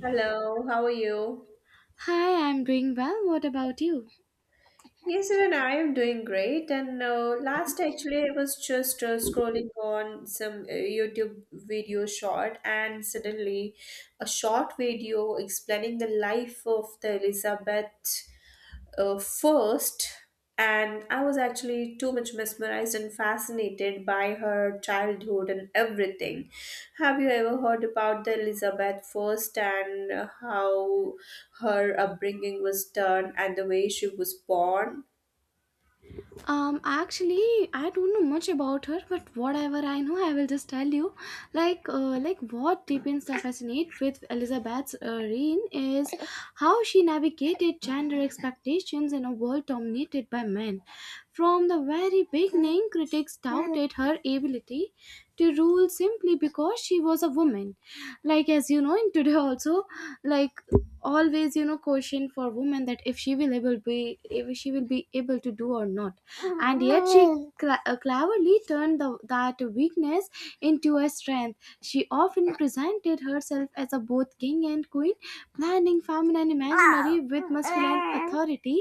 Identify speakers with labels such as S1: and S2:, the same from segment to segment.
S1: Hello, how are you?
S2: Hi, I'm doing well. What about you?
S1: Yes, even I am doing great. And actually, I was just scrolling on some YouTube video short, and suddenly a short video explaining the life of the Elizabeth. uh, first, and I was actually too much mesmerized and fascinated by her childhood and everything. Have you ever heard about the Elizabeth first and how her upbringing was done and the way she was born?
S2: Actually, I don't know much about her, but whatever I know, I will just tell you. Like what depends I fascinate with Elizabeth's reign is how she navigated gender expectations in a world dominated by men. From the very beginning, critics doubted her ability to rule simply because she was a woman. Like, as you know, in today also, like always, you know, question for women that if she will able be if she will be able to do or not, and yet she cla cleverly turned that weakness into a strength. She often presented herself as a both king and queen, blending feminine imaginary with masculine authority.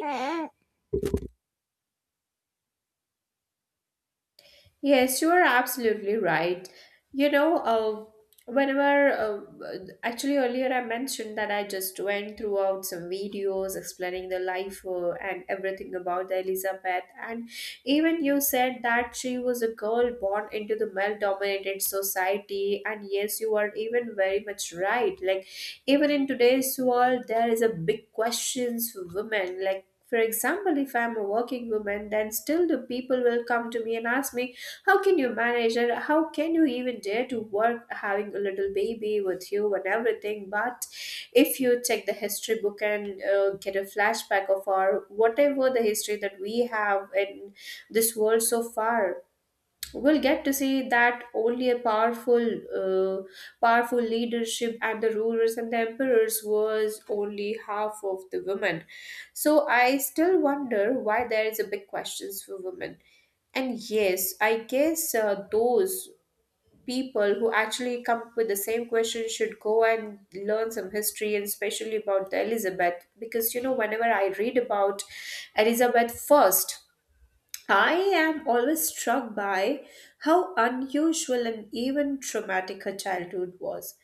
S1: Yes, you are absolutely right. You know, uh, Whenever actually earlier I mentioned that I just went throughout some videos explaining the life and everything about the Elizabeth, and even you said that she was a girl born into the male-dominated society, and yes, you are even very much right. Like even in today's world, there is a big questions for women, like. For example, if I'm a working woman, then still the people will come to me and ask me, how can you manage and how can you even dare to work having a little baby with you and everything? But if you check the history book and get a flashback of our whatever the history that we have in this world so far, we'll get to see that only a uh, powerful leadership and the rulers and the emperors was only half of the women. So I still wonder why there is a big questions for women. And yes, I guess those people who actually come up with the same question should go and learn some history, and especially about the Elizabeth, because you know whenever I read about Elizabeth first, I am always struck by how unusual and even traumatic her childhood was.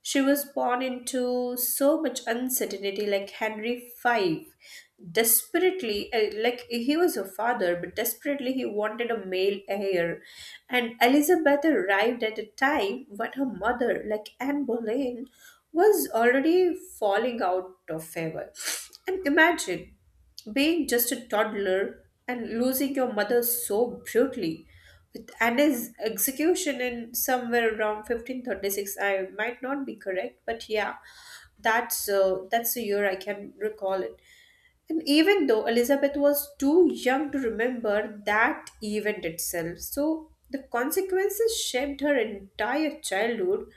S1: She was born into so much uncertainty, like Henry V. Desperately, like he was her father, but desperately he wanted a male heir. And Elizabeth arrived at a time when her mother, like Anne Boleyn, was already falling out of favor. And imagine. Being just a toddler and losing your mother so brutally, with Anna's execution in somewhere around 1536, I might not be correct, but yeah, that's the year I can recall it. And even though Elizabeth was too young to remember that event itself, so the consequences shaped her entire childhood.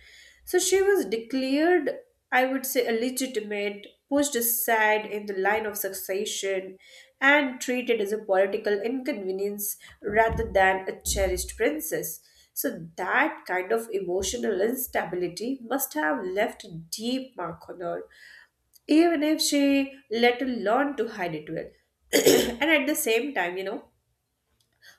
S1: So she was declared, I would say, illegitimate, pushed aside in the line of succession, and treated as a political inconvenience rather than a cherished princess. So that kind of emotional instability must have left a deep mark on her even if she later learned to hide it well. And at the same time, you know,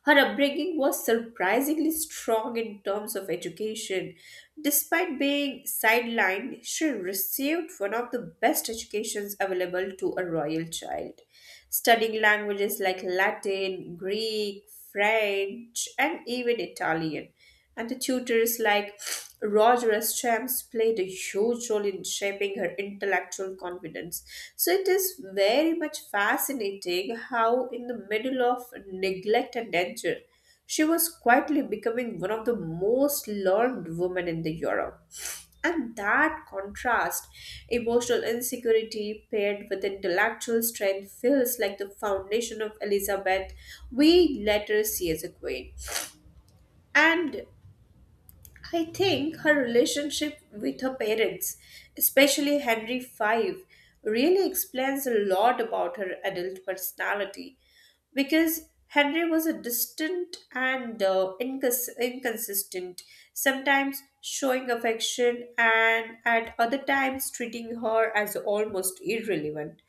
S1: her upbringing was surprisingly strong in terms of education. Despite being sidelined, she received one of the best educations available to a royal child, studying languages like Latin, Greek, French, and even Italian. And the tutors like Roger S. Champs played a huge role in shaping her intellectual confidence. So it is very much fascinating how, in the middle of neglect and danger, she was quietly becoming one of the most learned women in the Europe. And that contrast, emotional insecurity paired with intellectual strength, feels like the foundation of Elizabeth we later see as a queen. And I think her relationship with her parents, especially Henry V, really explains a lot about her adult personality because Henry was a distant and inconsistent, sometimes showing affection and at other times treating her as almost irrelevant.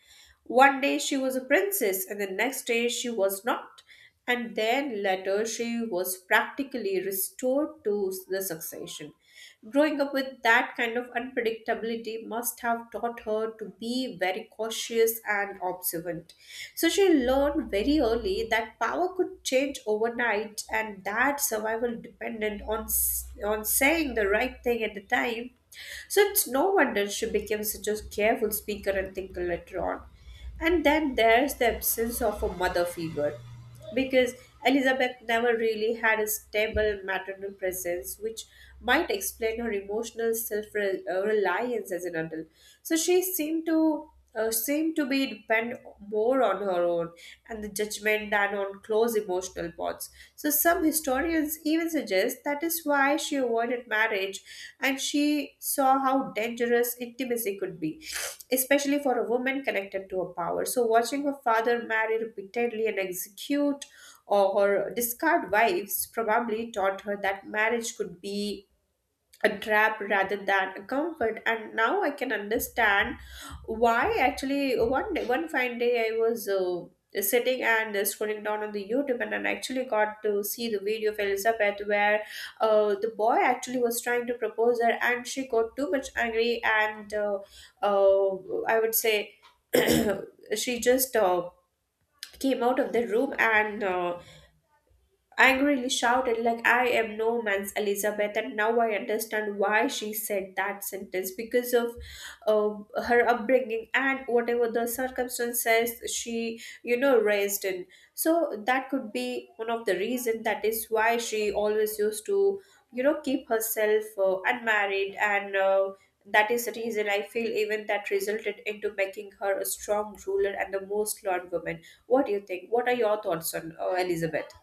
S1: One day she was a princess, and the next day she was not. And then later she was practically restored to the succession. Growing up with that kind of unpredictability must have taught her to be very cautious and observant. So she learned very early that power could change overnight and that survival depended on saying the right thing at the time. So it's no wonder she became such a careful speaker and thinker later on. And then there's the absence of a mother figure, because Elizabeth never really had a stable maternal presence, which might explain her emotional self reliance as an adult. So she seemed to be depend more on her own and the judgment than on close emotional bonds. So some historians even suggest that is why she avoided marriage and she saw how dangerous intimacy could be, especially for a woman connected to her power. So watching her father marry repeatedly and execute or discard wives probably taught her that marriage could be a trap rather than a comfort. And now I can understand why actually one day, one fine day I was sitting and scrolling down on the YouTube, and I actually got to see the video of Elizabeth where the boy actually was trying to propose her and she got too much angry. And I would say she just came out of the room and angrily shouted like, I am no man's Elizabeth. And now I understand why she said that sentence, because of her upbringing and whatever the circumstances she, you know, raised in. So that could be one of the reason that is why she always used to, you know, keep herself unmarried, and that is the reason I feel, even that resulted into making her a strong ruler and the most learned woman. What do you think? What are your thoughts on Elizabeth?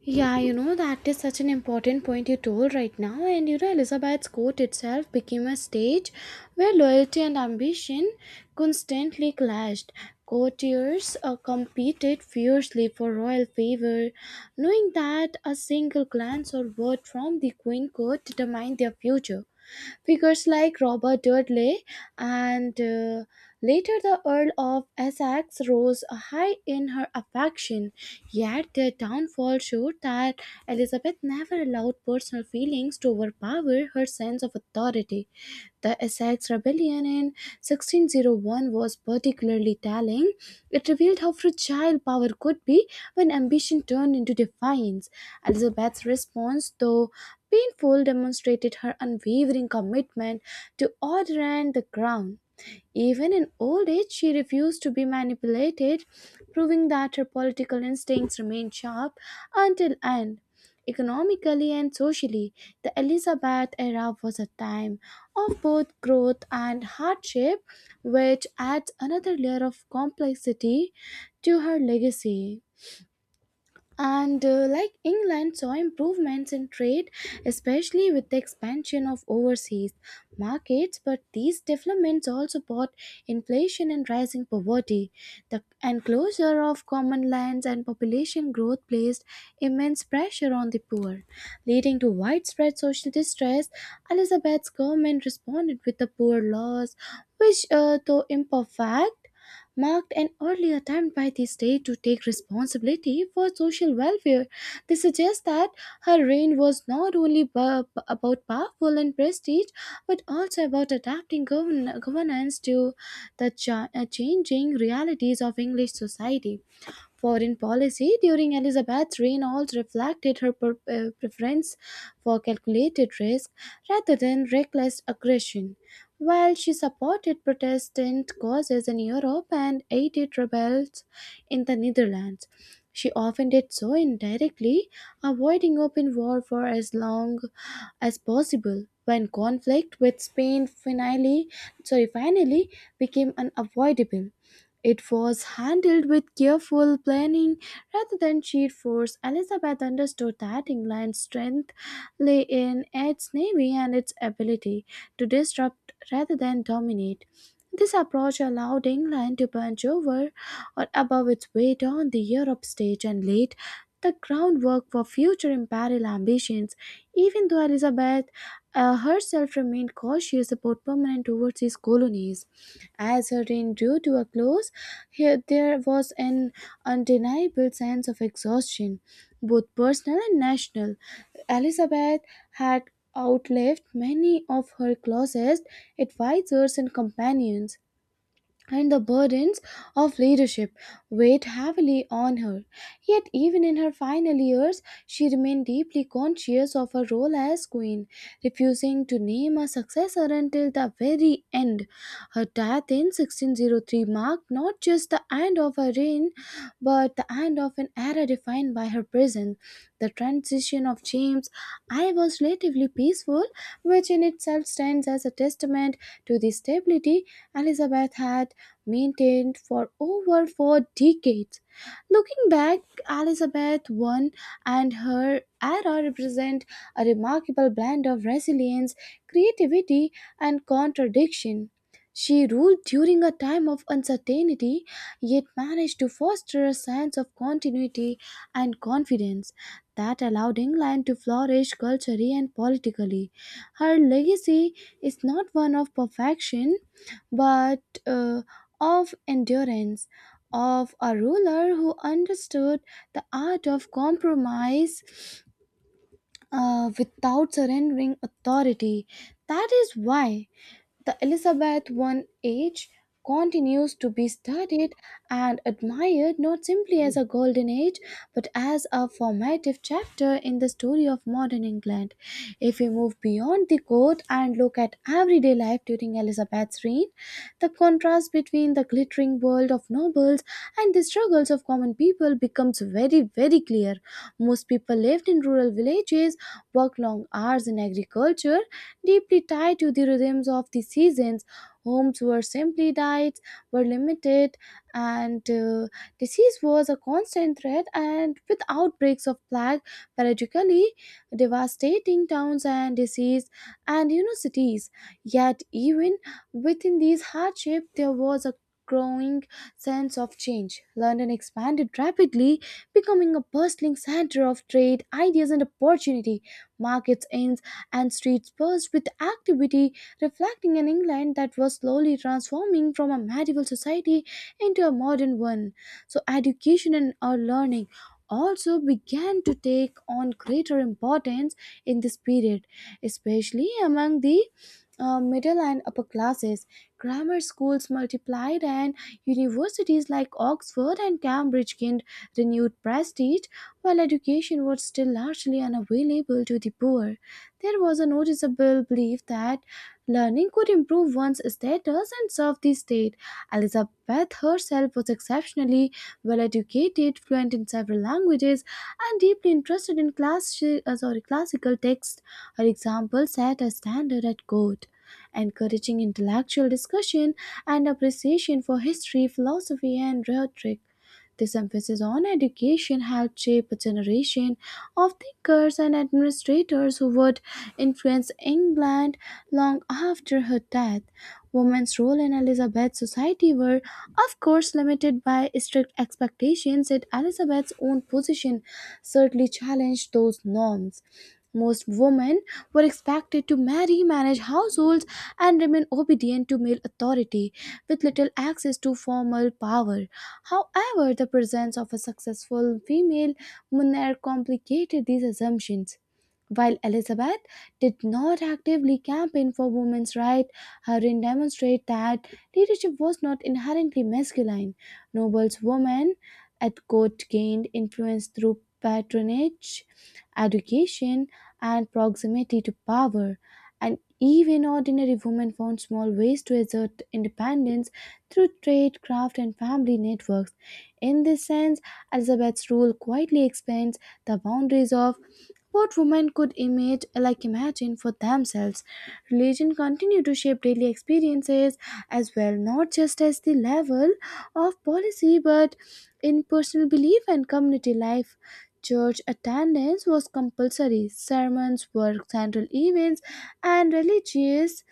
S2: Yeah, you know, that is such an important point you told right now. And you know, Elizabeth's court itself became a stage where loyalty and ambition constantly clashed. Courtiers competed fiercely for royal favor, knowing that a single glance or word from the queen could determine their future. Figures like Robert Dudley and later the Earl of Essex rose high in her affection, yet their downfall showed that Elizabeth never allowed personal feelings to overpower her sense of authority. The Essex Rebellion in 1601 was particularly telling. It revealed how fragile power could be when ambition turned into defiance. Elizabeth's response, though painful, demonstrated her unwavering commitment to order and the crown. Even in old age, she refused to be manipulated, proving that her political instincts remained sharp until end. Economically and socially, the Elizabeth era was a time of both growth and hardship, which adds another layer of complexity to her legacy. And Like, England saw improvements in trade, especially with the expansion of overseas markets, but these developments also brought inflation and rising poverty. The enclosure of common lands and population growth placed immense pressure on the poor, leading to widespread social distress. Elizabeth's government responded with the poor laws, which, though imperfect, marked an early attempt by the state to take responsibility for social welfare. They suggest that her reign was not only about powerful and prestige, but also about adapting governance to changing realities of English society. Foreign policy during Elizabeth's reign also reflected her preference for calculated risk rather than reckless aggression. While she supported Protestant causes in Europe and aided rebels in the Netherlands, she often did so indirectly, avoiding open war for as long as possible. When conflict with Spain finally became unavoidable, it was handled with careful planning rather than sheer force. Elizabeth understood that England's strength lay in its navy and its ability to disrupt rather than dominate. This approach allowed England to punch over or above its weight on the Europe stage and laid the groundwork for future imperial ambitions. Even though Elizabeth herself remained cautious about permanent overseas colonies. As her reign drew to a close, here there was an undeniable sense of exhaustion, both personal and national. Elizabeth had outlived many of her closest advisors and companions, and the burdens of leadership weighed heavily on her. Yet, even in her final years, she remained deeply conscious of her role as queen, refusing to name a successor until the very end. Her death in 1603 marked not just the end of her reign, but the end of an era defined by her presence. The transition of James I was relatively peaceful, which in itself stands as a testament to the stability Elizabeth had maintained for over 4 decades. Looking back, Elizabeth I and her era represent a remarkable blend of resilience, creativity, and contradiction. She ruled during a time of uncertainty, yet managed to foster a sense of continuity and confidence that allowed England to flourish culturally and politically. Her legacy is not one of perfection, but uh, of endurance, of a ruler who understood the art of compromise without surrendering authority. That is why the Elizabeth I age continues to be studied and admired, not simply as a golden age but as a formative chapter in the story of modern England. If we move beyond the court and look at everyday life during Elizabeth's reign, the contrast between the glittering world of nobles and the struggles of common people becomes very, very clear. Most people lived in rural villages, work long hours in agriculture, deeply tied to the rhythms of the seasons. Homes were simply diets, were limited, and disease was a constant threat. And with outbreaks of plague, periodically devastating towns and disease, and you know, cities. Yet even within these hardships, there was a growing sense of change. London expanded rapidly, becoming a bustling center of trade, ideas, and opportunity. Markets, inns, and streets buzzed with activity, reflecting an England that was slowly transforming from a medieval society into a modern one. So education and our learning also began to take on greater importance in this period, especially among the middle and upper classes. Grammar schools multiplied, and universities like Oxford and Cambridge gained renewed prestige. While education was still largely unavailable to the poor, there was a noticeable belief that learning could improve one's status and serve the state. Elizabeth herself was exceptionally well educated, fluent in several languages, and deeply interested in classical texts. Her example set a standard at court, encouraging intellectual discussion and appreciation for history, philosophy, and rhetoric. This emphasis on education helped shape a generation of thinkers and administrators who would influence England long after her death. Women's role in Elizabeth's society were, of course, limited by strict expectations, yet Elizabeth's own position certainly challenged those norms. Most women were expected to marry, manage households, and remain obedient to male authority, with little access to formal power. However, the presence of a successful female monarch complicated these assumptions. While Elizabeth did not actively campaign for women's rights, her reign demonstrated that leadership was not inherently masculine. Noble's women at court gained influence through patronage, education, and proximity to power. And even ordinary women found small ways to assert independence through trade, craft, and family networks. In this sense, Elizabeth's rule quietly expands the boundaries of what women could image like imagine for themselves. Religion continued to shape daily experiences as well, not just as the level of policy but in personal belief and community life. Church attendance was compulsory, sermons were central events, and religious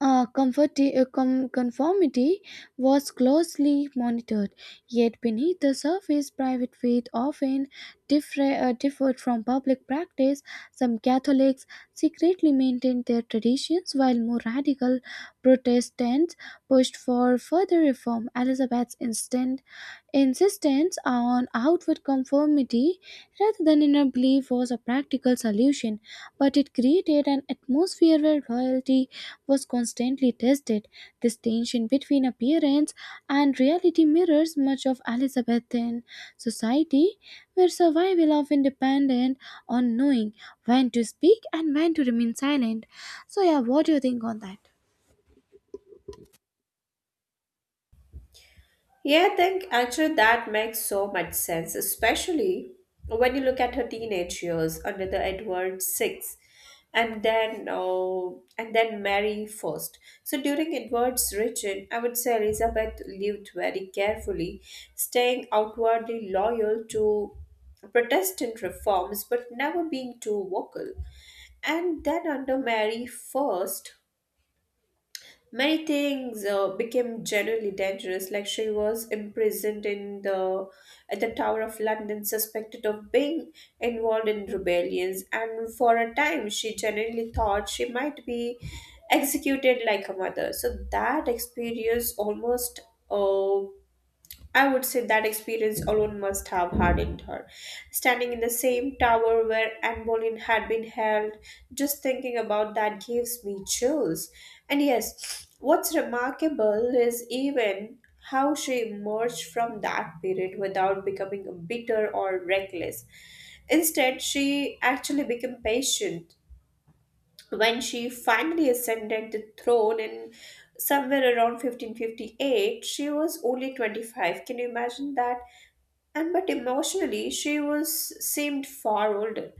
S2: conformity was closely monitored, yet beneath the surface, private faith often differed from public practice. Some Catholics secretly maintained their traditions, while more radical Protestants pushed for further reform. Elizabeth's instant Insistence on outward conformity rather than inner belief was a practical solution, but it created an atmosphere where loyalty was constantly tested. This tension between appearance and reality mirrors much of Elizabethan society, where survival often depended on knowing when to speak and when to remain silent. So, yeah, what do you think on that?
S1: Yeah, I think actually that makes so much sense, especially when you look at her teenage years under the Edward VI, and then oh, and then Mary first. So during Edward's reign, I would say Elizabeth lived very carefully, staying outwardly loyal to Protestant reforms, but never being too vocal. And then under Mary first, many things became generally dangerous, like she was imprisoned in the at the Tower of London, suspected of being involved in rebellions, and for a time she generally thought she might be executed like her mother. So that experience almost uh, I would say that experience alone must have hardened her. Standing in the same tower where Anne Boleyn had been held, just thinking about that gives me chills. And yes, what's remarkable is even how she emerged from that period without becoming bitter or reckless. Instead, she actually became patient, when she finally ascended the throne in somewhere around 1558. She was only 25, can you imagine that? And but emotionally she was seemed far older,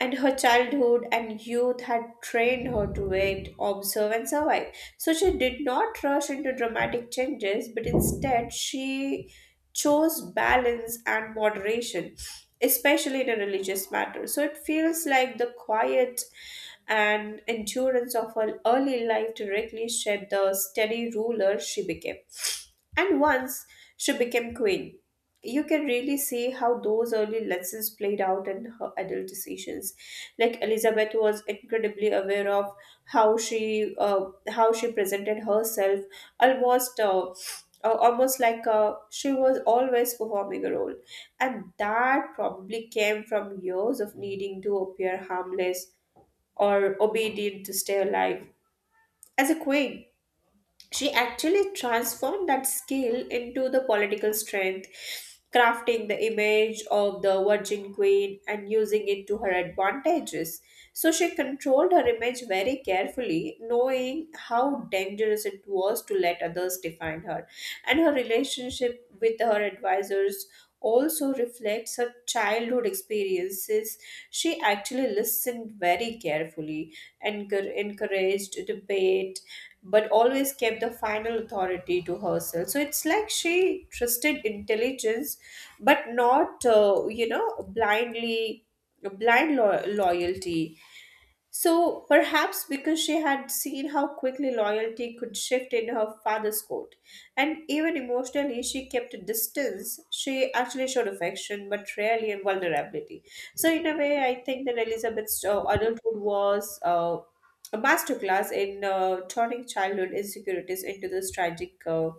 S1: and her childhood and youth had trained her to wait, observe and survive. So she did not rush into dramatic changes, but instead she chose balance and moderation, especially in a religious matter. So it feels like the quiet and endurance of her early life directly shaped the steady ruler she became. And once she became queen, you can really see how those early lessons played out in her adult decisions. Like Elizabeth was incredibly aware of how she presented herself, almost uh, almost like she was always performing a role, and that probably came from years of needing to appear harmless or obedient to stay alive. As a queen, she actually transformed that skill into the political strength, crafting the image of the Virgin Queen and using it to her advantages. So she controlled her image very carefully, knowing how dangerous it was to let others define her. And her relationship with her advisors also reflects her childhood experiences. She actually listened very carefully, encouraged debate but always kept the final authority to herself. So it's like she trusted intelligence, but not, you know, loyalty. So perhaps because she had seen how quickly loyalty could shift in her father's court, and even emotionally she kept a distance, she actually showed affection but rarely in vulnerability. So in a way, I think that Elizabeth's adulthood was a masterclass in turning childhood insecurities into this tragic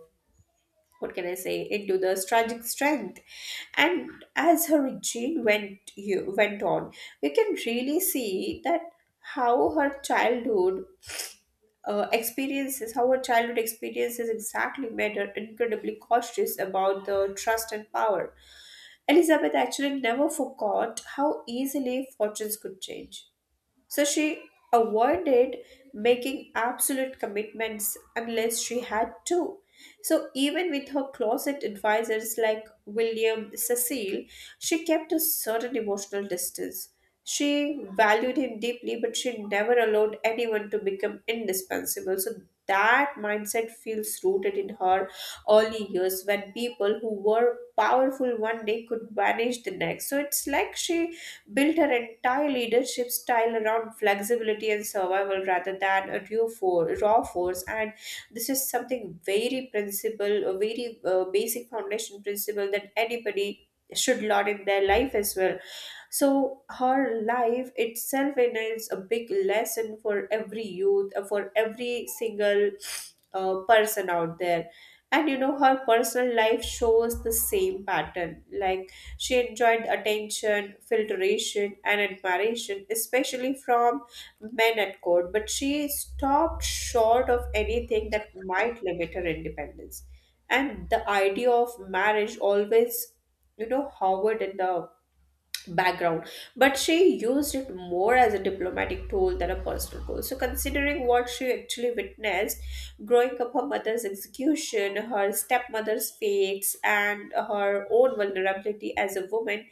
S1: what can I say, into the tragic strength. And as her regime went you went on, we can really see that how her childhood how her childhood experiences exactly made her incredibly cautious about the trust and power. Elizabeth actually never forgot how easily fortunes could change. So she avoided making absolute commitments unless she had to. So even with her closet advisors like William Cecil, she kept a certain emotional distance. She valued him deeply, but she never allowed anyone to become indispensable. So that mindset feels rooted in her early years when people who were powerful one day could vanish the next. So it's like she built her entire leadership style around flexibility and survival rather than raw force. And this is something very principle, a very basic foundation principle that anybody should learn in their life as well. So her life itself is a big lesson for every youth, for every single person out there. And you know, her personal life shows the same pattern. Like, she enjoyed attention, filtration and admiration, especially from men at court, but she stopped short of anything that might limit her independence. And the idea of marriage always, you know, hovered in the background, but she used it more as a diplomatic tool than a personal goal. So, considering what she actually witnessed growing up, her mother's execution, her stepmother's fates, and her own vulnerability as a woman,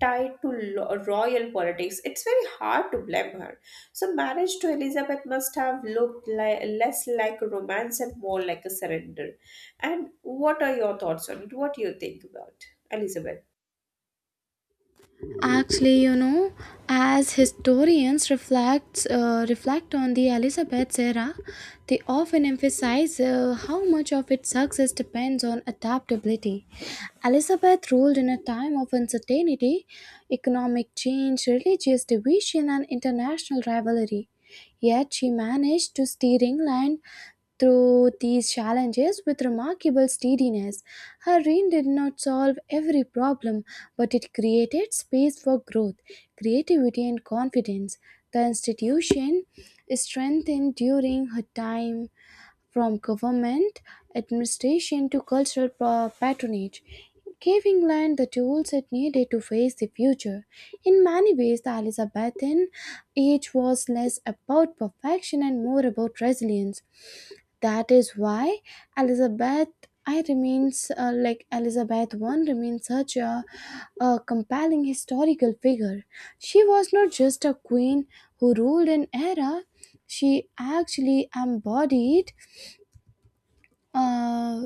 S1: tied to royal politics, it's very hard to blame her. So, marriage to Elizabeth must have looked less like a romance and more like a surrender. And what are your thoughts on it? What do you think about Elizabeth?
S2: Actually, you know, as historians reflect on the Elizabeth era, they often emphasize how much of its success depends on adaptability. Elizabeth ruled in a time of uncertainty, economic change, religious division, and international rivalry. Yet she managed to steer England through these challenges with remarkable steadiness. Her reign did not solve every problem, but it created space for growth, creativity, and confidence. The institution strengthened during her time from government administration to cultural patronage, gave England the tools it needed to face the future. In many ways, the Elizabethan age was less about perfection and more about resilience. That is why Elizabeth I remains uh, like Elizabeth I remains such a compelling historical figure. She was not just a queen who ruled an era; she actually embodied uh,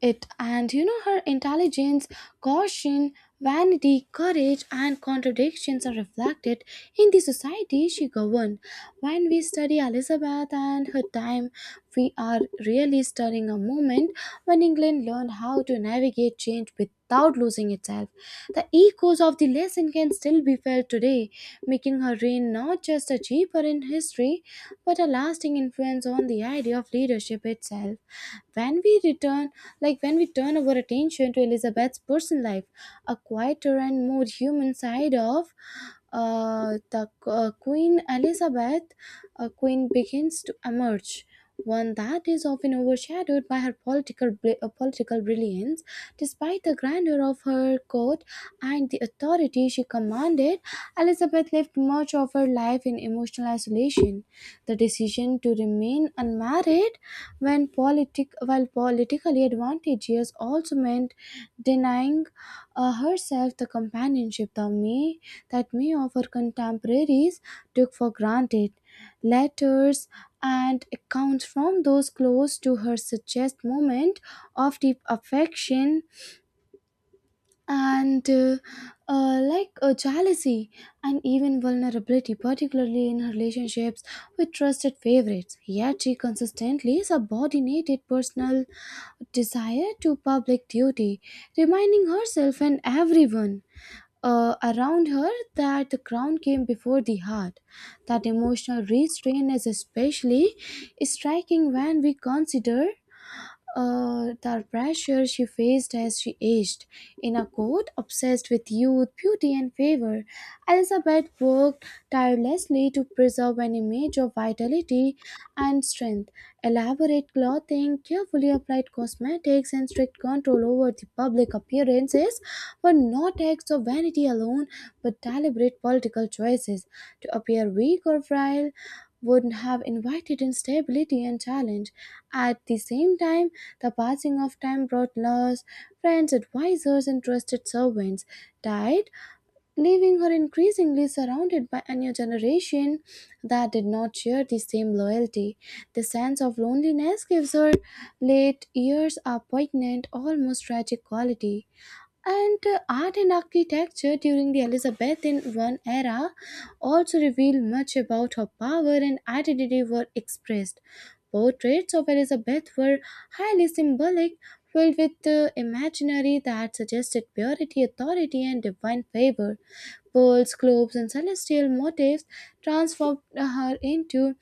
S2: it, and you know, her intelligence, caution, vanity, courage, and contradictions are reflected in the society she governed. When we study Elizabeth and her time, we are really studying a moment when England learned how to navigate change without losing itself. The echoes of the lesson can still be felt today, making her reign not just a chapter in history but a lasting influence on the idea of leadership itself. when we return when we turn our attention to Elizabeth's personal life, a quieter and more human side of the Queen begins to emerge. One that is often overshadowed by her political brilliance, despite the grandeur of her court and the authority she commanded. Elizabeth lived much of her life in emotional isolation. The decision to remain unmarried, when politic while politically advantageous, also meant denying herself the companionship that that may of her contemporaries took for granted. Letters and accounts from those close to her suggest moment of deep affection and like a jealousy and even vulnerability, particularly in her relationships with trusted favorites. Yet she consistently subordinated personal desire to public duty, reminding herself and everyone around her that the crown came before the heart. That emotional restraint is especially striking when we consider the pressure she faced as she aged. In a court obsessed with youth, beauty, and favor, Elizabeth worked tirelessly to preserve an image of vitality and strength. Elaborate clothing, carefully applied cosmetics, and strict control over the public appearances were not acts of vanity alone, but deliberate political choices. To appear weak or frail would have invited instability and challenge. At the same time, the passing of time brought laws, friends, advisors, and trusted servants, died, leaving her increasingly surrounded by a new generation that did not share the same loyalty. The sense of loneliness gives her late years a poignant, almost tragic quality. And art and architecture during the Elizabethan I era also reveal much about how power and identity were expressed. Portraits of Elizabeth were highly symbolic, filled with imaginary that suggested purity, authority, and divine favor. Pearls, globes, and celestial motifs transformed her into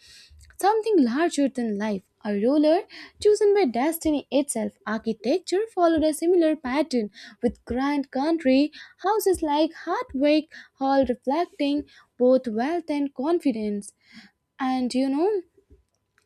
S2: something larger than life, a ruler chosen by destiny itself. Architecture followed a similar pattern with grand country houses like Hardwick Hall reflecting both wealth and confidence. And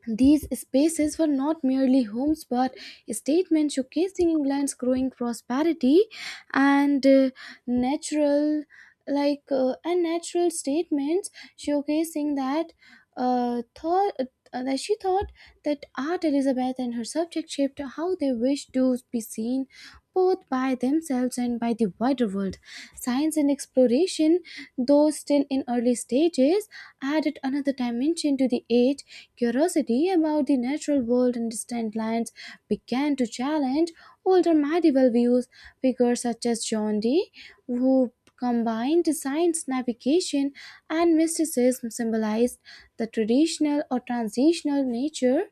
S2: these spaces were not merely homes but statements showcasing England's growing prosperity and natural and natural statements showcasing that thought that she thought that art Elizabeth and her subject shaped how they wished to be seen both by themselves and by the wider world. Science and exploration, though still in early stages, added another dimension to the age. Curiosity about the natural world and distant lands began to challenge older medieval views. Figures such as John Dee, who combined science, navigation, and mysticism, symbolized the traditional or transitional nature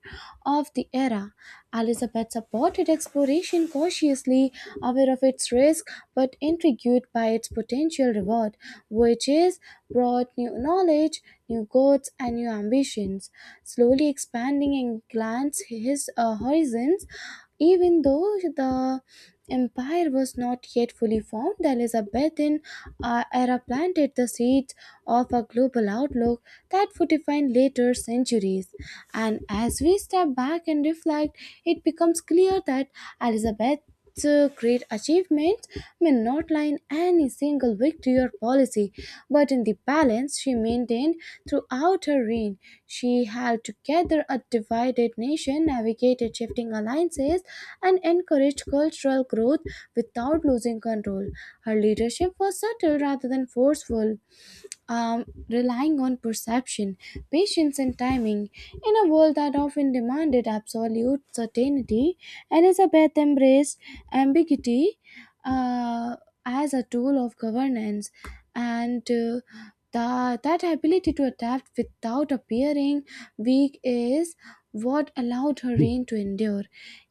S2: of the era. Elizabeth supported exploration cautiously, aware of its risk but intrigued by its potential reward, which is brought new knowledge, new goals, and new ambitions, slowly expanding England's his horizons. Even though the empire was not yet fully formed, the Elizabethan era planted the seeds of a global outlook that would define later centuries. And as we step back and reflect, it becomes clear that Elizabeth's great achievements may not lie in any single victory or policy, but in the balance she maintained throughout her reign. She held together a divided nation, navigated shifting alliances, and encouraged cultural growth without losing control. Her leadership was subtle rather than forceful, relying on perception, patience, and timing. In a world that often demanded absolute certainty, Elizabeth embraced ambiguity uh, as a tool of governance, and that ability to adapt without appearing weak is what allowed her reign to endure.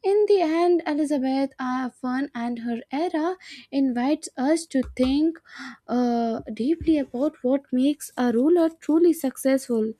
S2: In the end, Elizabeth, I fun and her era invites us to think deeply about what makes a ruler truly successful.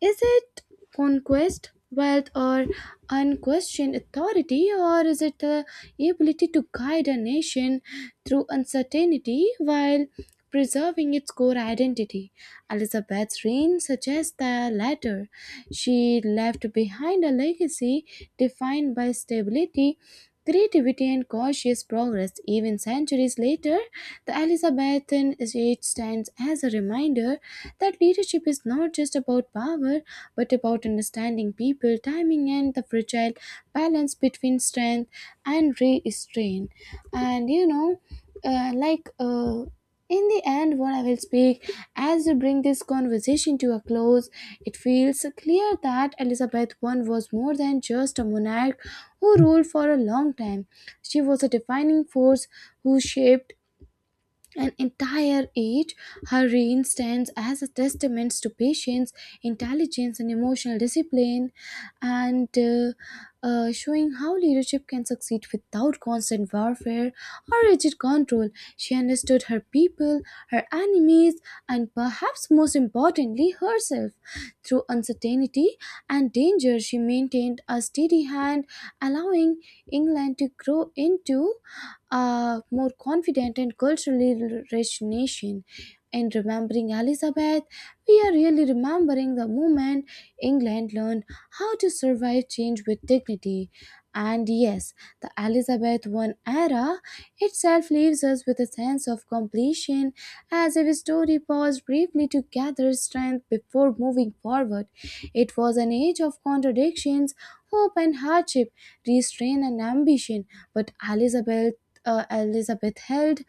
S2: Is it conquest, wealth, or unquestioned authority, or is it the ability to guide a nation through uncertainty while preserving its core identity? Elizabeth's reign suggests the latter. She left behind a legacy defined by stability, creativity, and cautious progress. Even centuries later, the Elizabethan age stands as a reminder that leadership is not just about power but about understanding people, timing, and the fragile balance between strength and restraint. And uh, like. Uh, in the end, what I will speak as we bring this conversation to a close, it feels clear that Elizabeth I was more than just a monarch who ruled for a long time. She was a defining force who shaped an entire age. Her reign stands as a testament to patience, intelligence, and emotional discipline, and showing how leadership can succeed without constant warfare or rigid control. She understood her people, her enemies, and perhaps most importantly, herself. Through uncertainty and danger, she maintained a steady hand, allowing England to grow into a more confident and culturally rich nation. In remembering Elizabeth, we are really remembering the moment England learned how to survive change with dignity. And yes, the Elizabeth I era itself leaves us with a sense of completion, as if a story paused briefly to gather strength before moving forward. It was an age of contradictions, hope and hardship, restraint and ambition, but Elizabeth held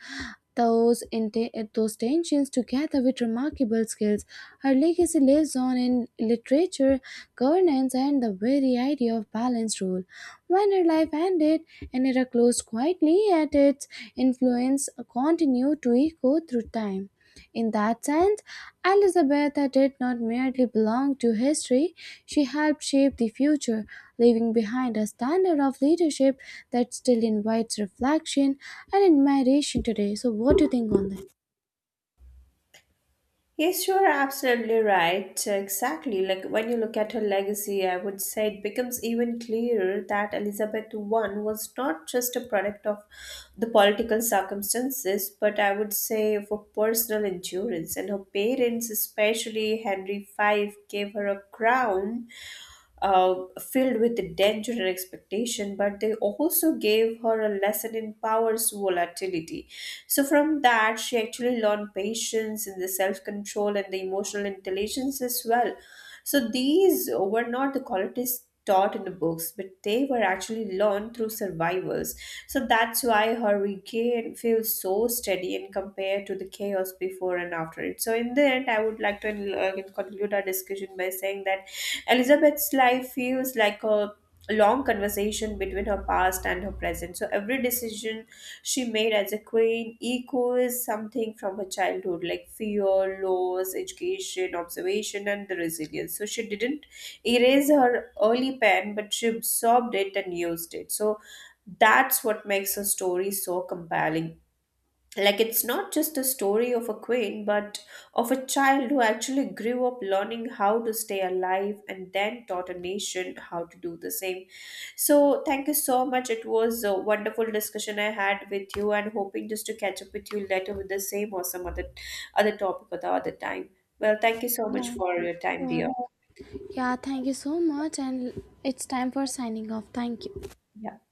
S2: those tensions together with remarkable skills. Her legacy lives on in literature, governance, and the very idea of balanced rule. When her life ended, an era closed quietly, yet its influence continued to echo through time. In that sense, Elizabeth did not merely belong to history, she helped shape the future, leaving behind a standard of leadership that still invites reflection and admiration today. So, what do you think on that?
S1: Yes, you are absolutely right. Exactly. Like when you look at her legacy, I would say it becomes even clearer that Elizabeth I was not just a product of the political circumstances, but I would say of a personal endurance. And her parents, especially Henry V, gave her a crown uh, filled with danger and expectation, but they also gave her a lesson in power's volatility. So, from that, she actually learned patience and the self control and the emotional intelligence as well. So, these were not the qualities taught in the books, but they were actually learned through survivors. So that's why Hurricane feels so steady and compared to the chaos before and after it. So in the end, I would like to conclude our discussion by saying that Elizabeth's life feels like a long conversation between her past and her present. So every decision she made as a queen echoes something from her childhood, like fear, loss, education, observation, and the resilience. So she didn't erase her early pen, but she absorbed it and used it. So that's what makes her story so compelling, like it's not just a story of a queen, but of a child who actually grew up learning how to stay alive and then taught a nation how to do the same. So thank you so much, it was a wonderful discussion I had with you, and hoping just to catch up with you later with the same or some other topic or the other time. Well, thank you so much
S2: Yeah,
S1: for your time,
S2: sure.
S1: dear.
S2: Yeah, thank you so much, and it's time for signing off. Thank you.
S1: Yeah.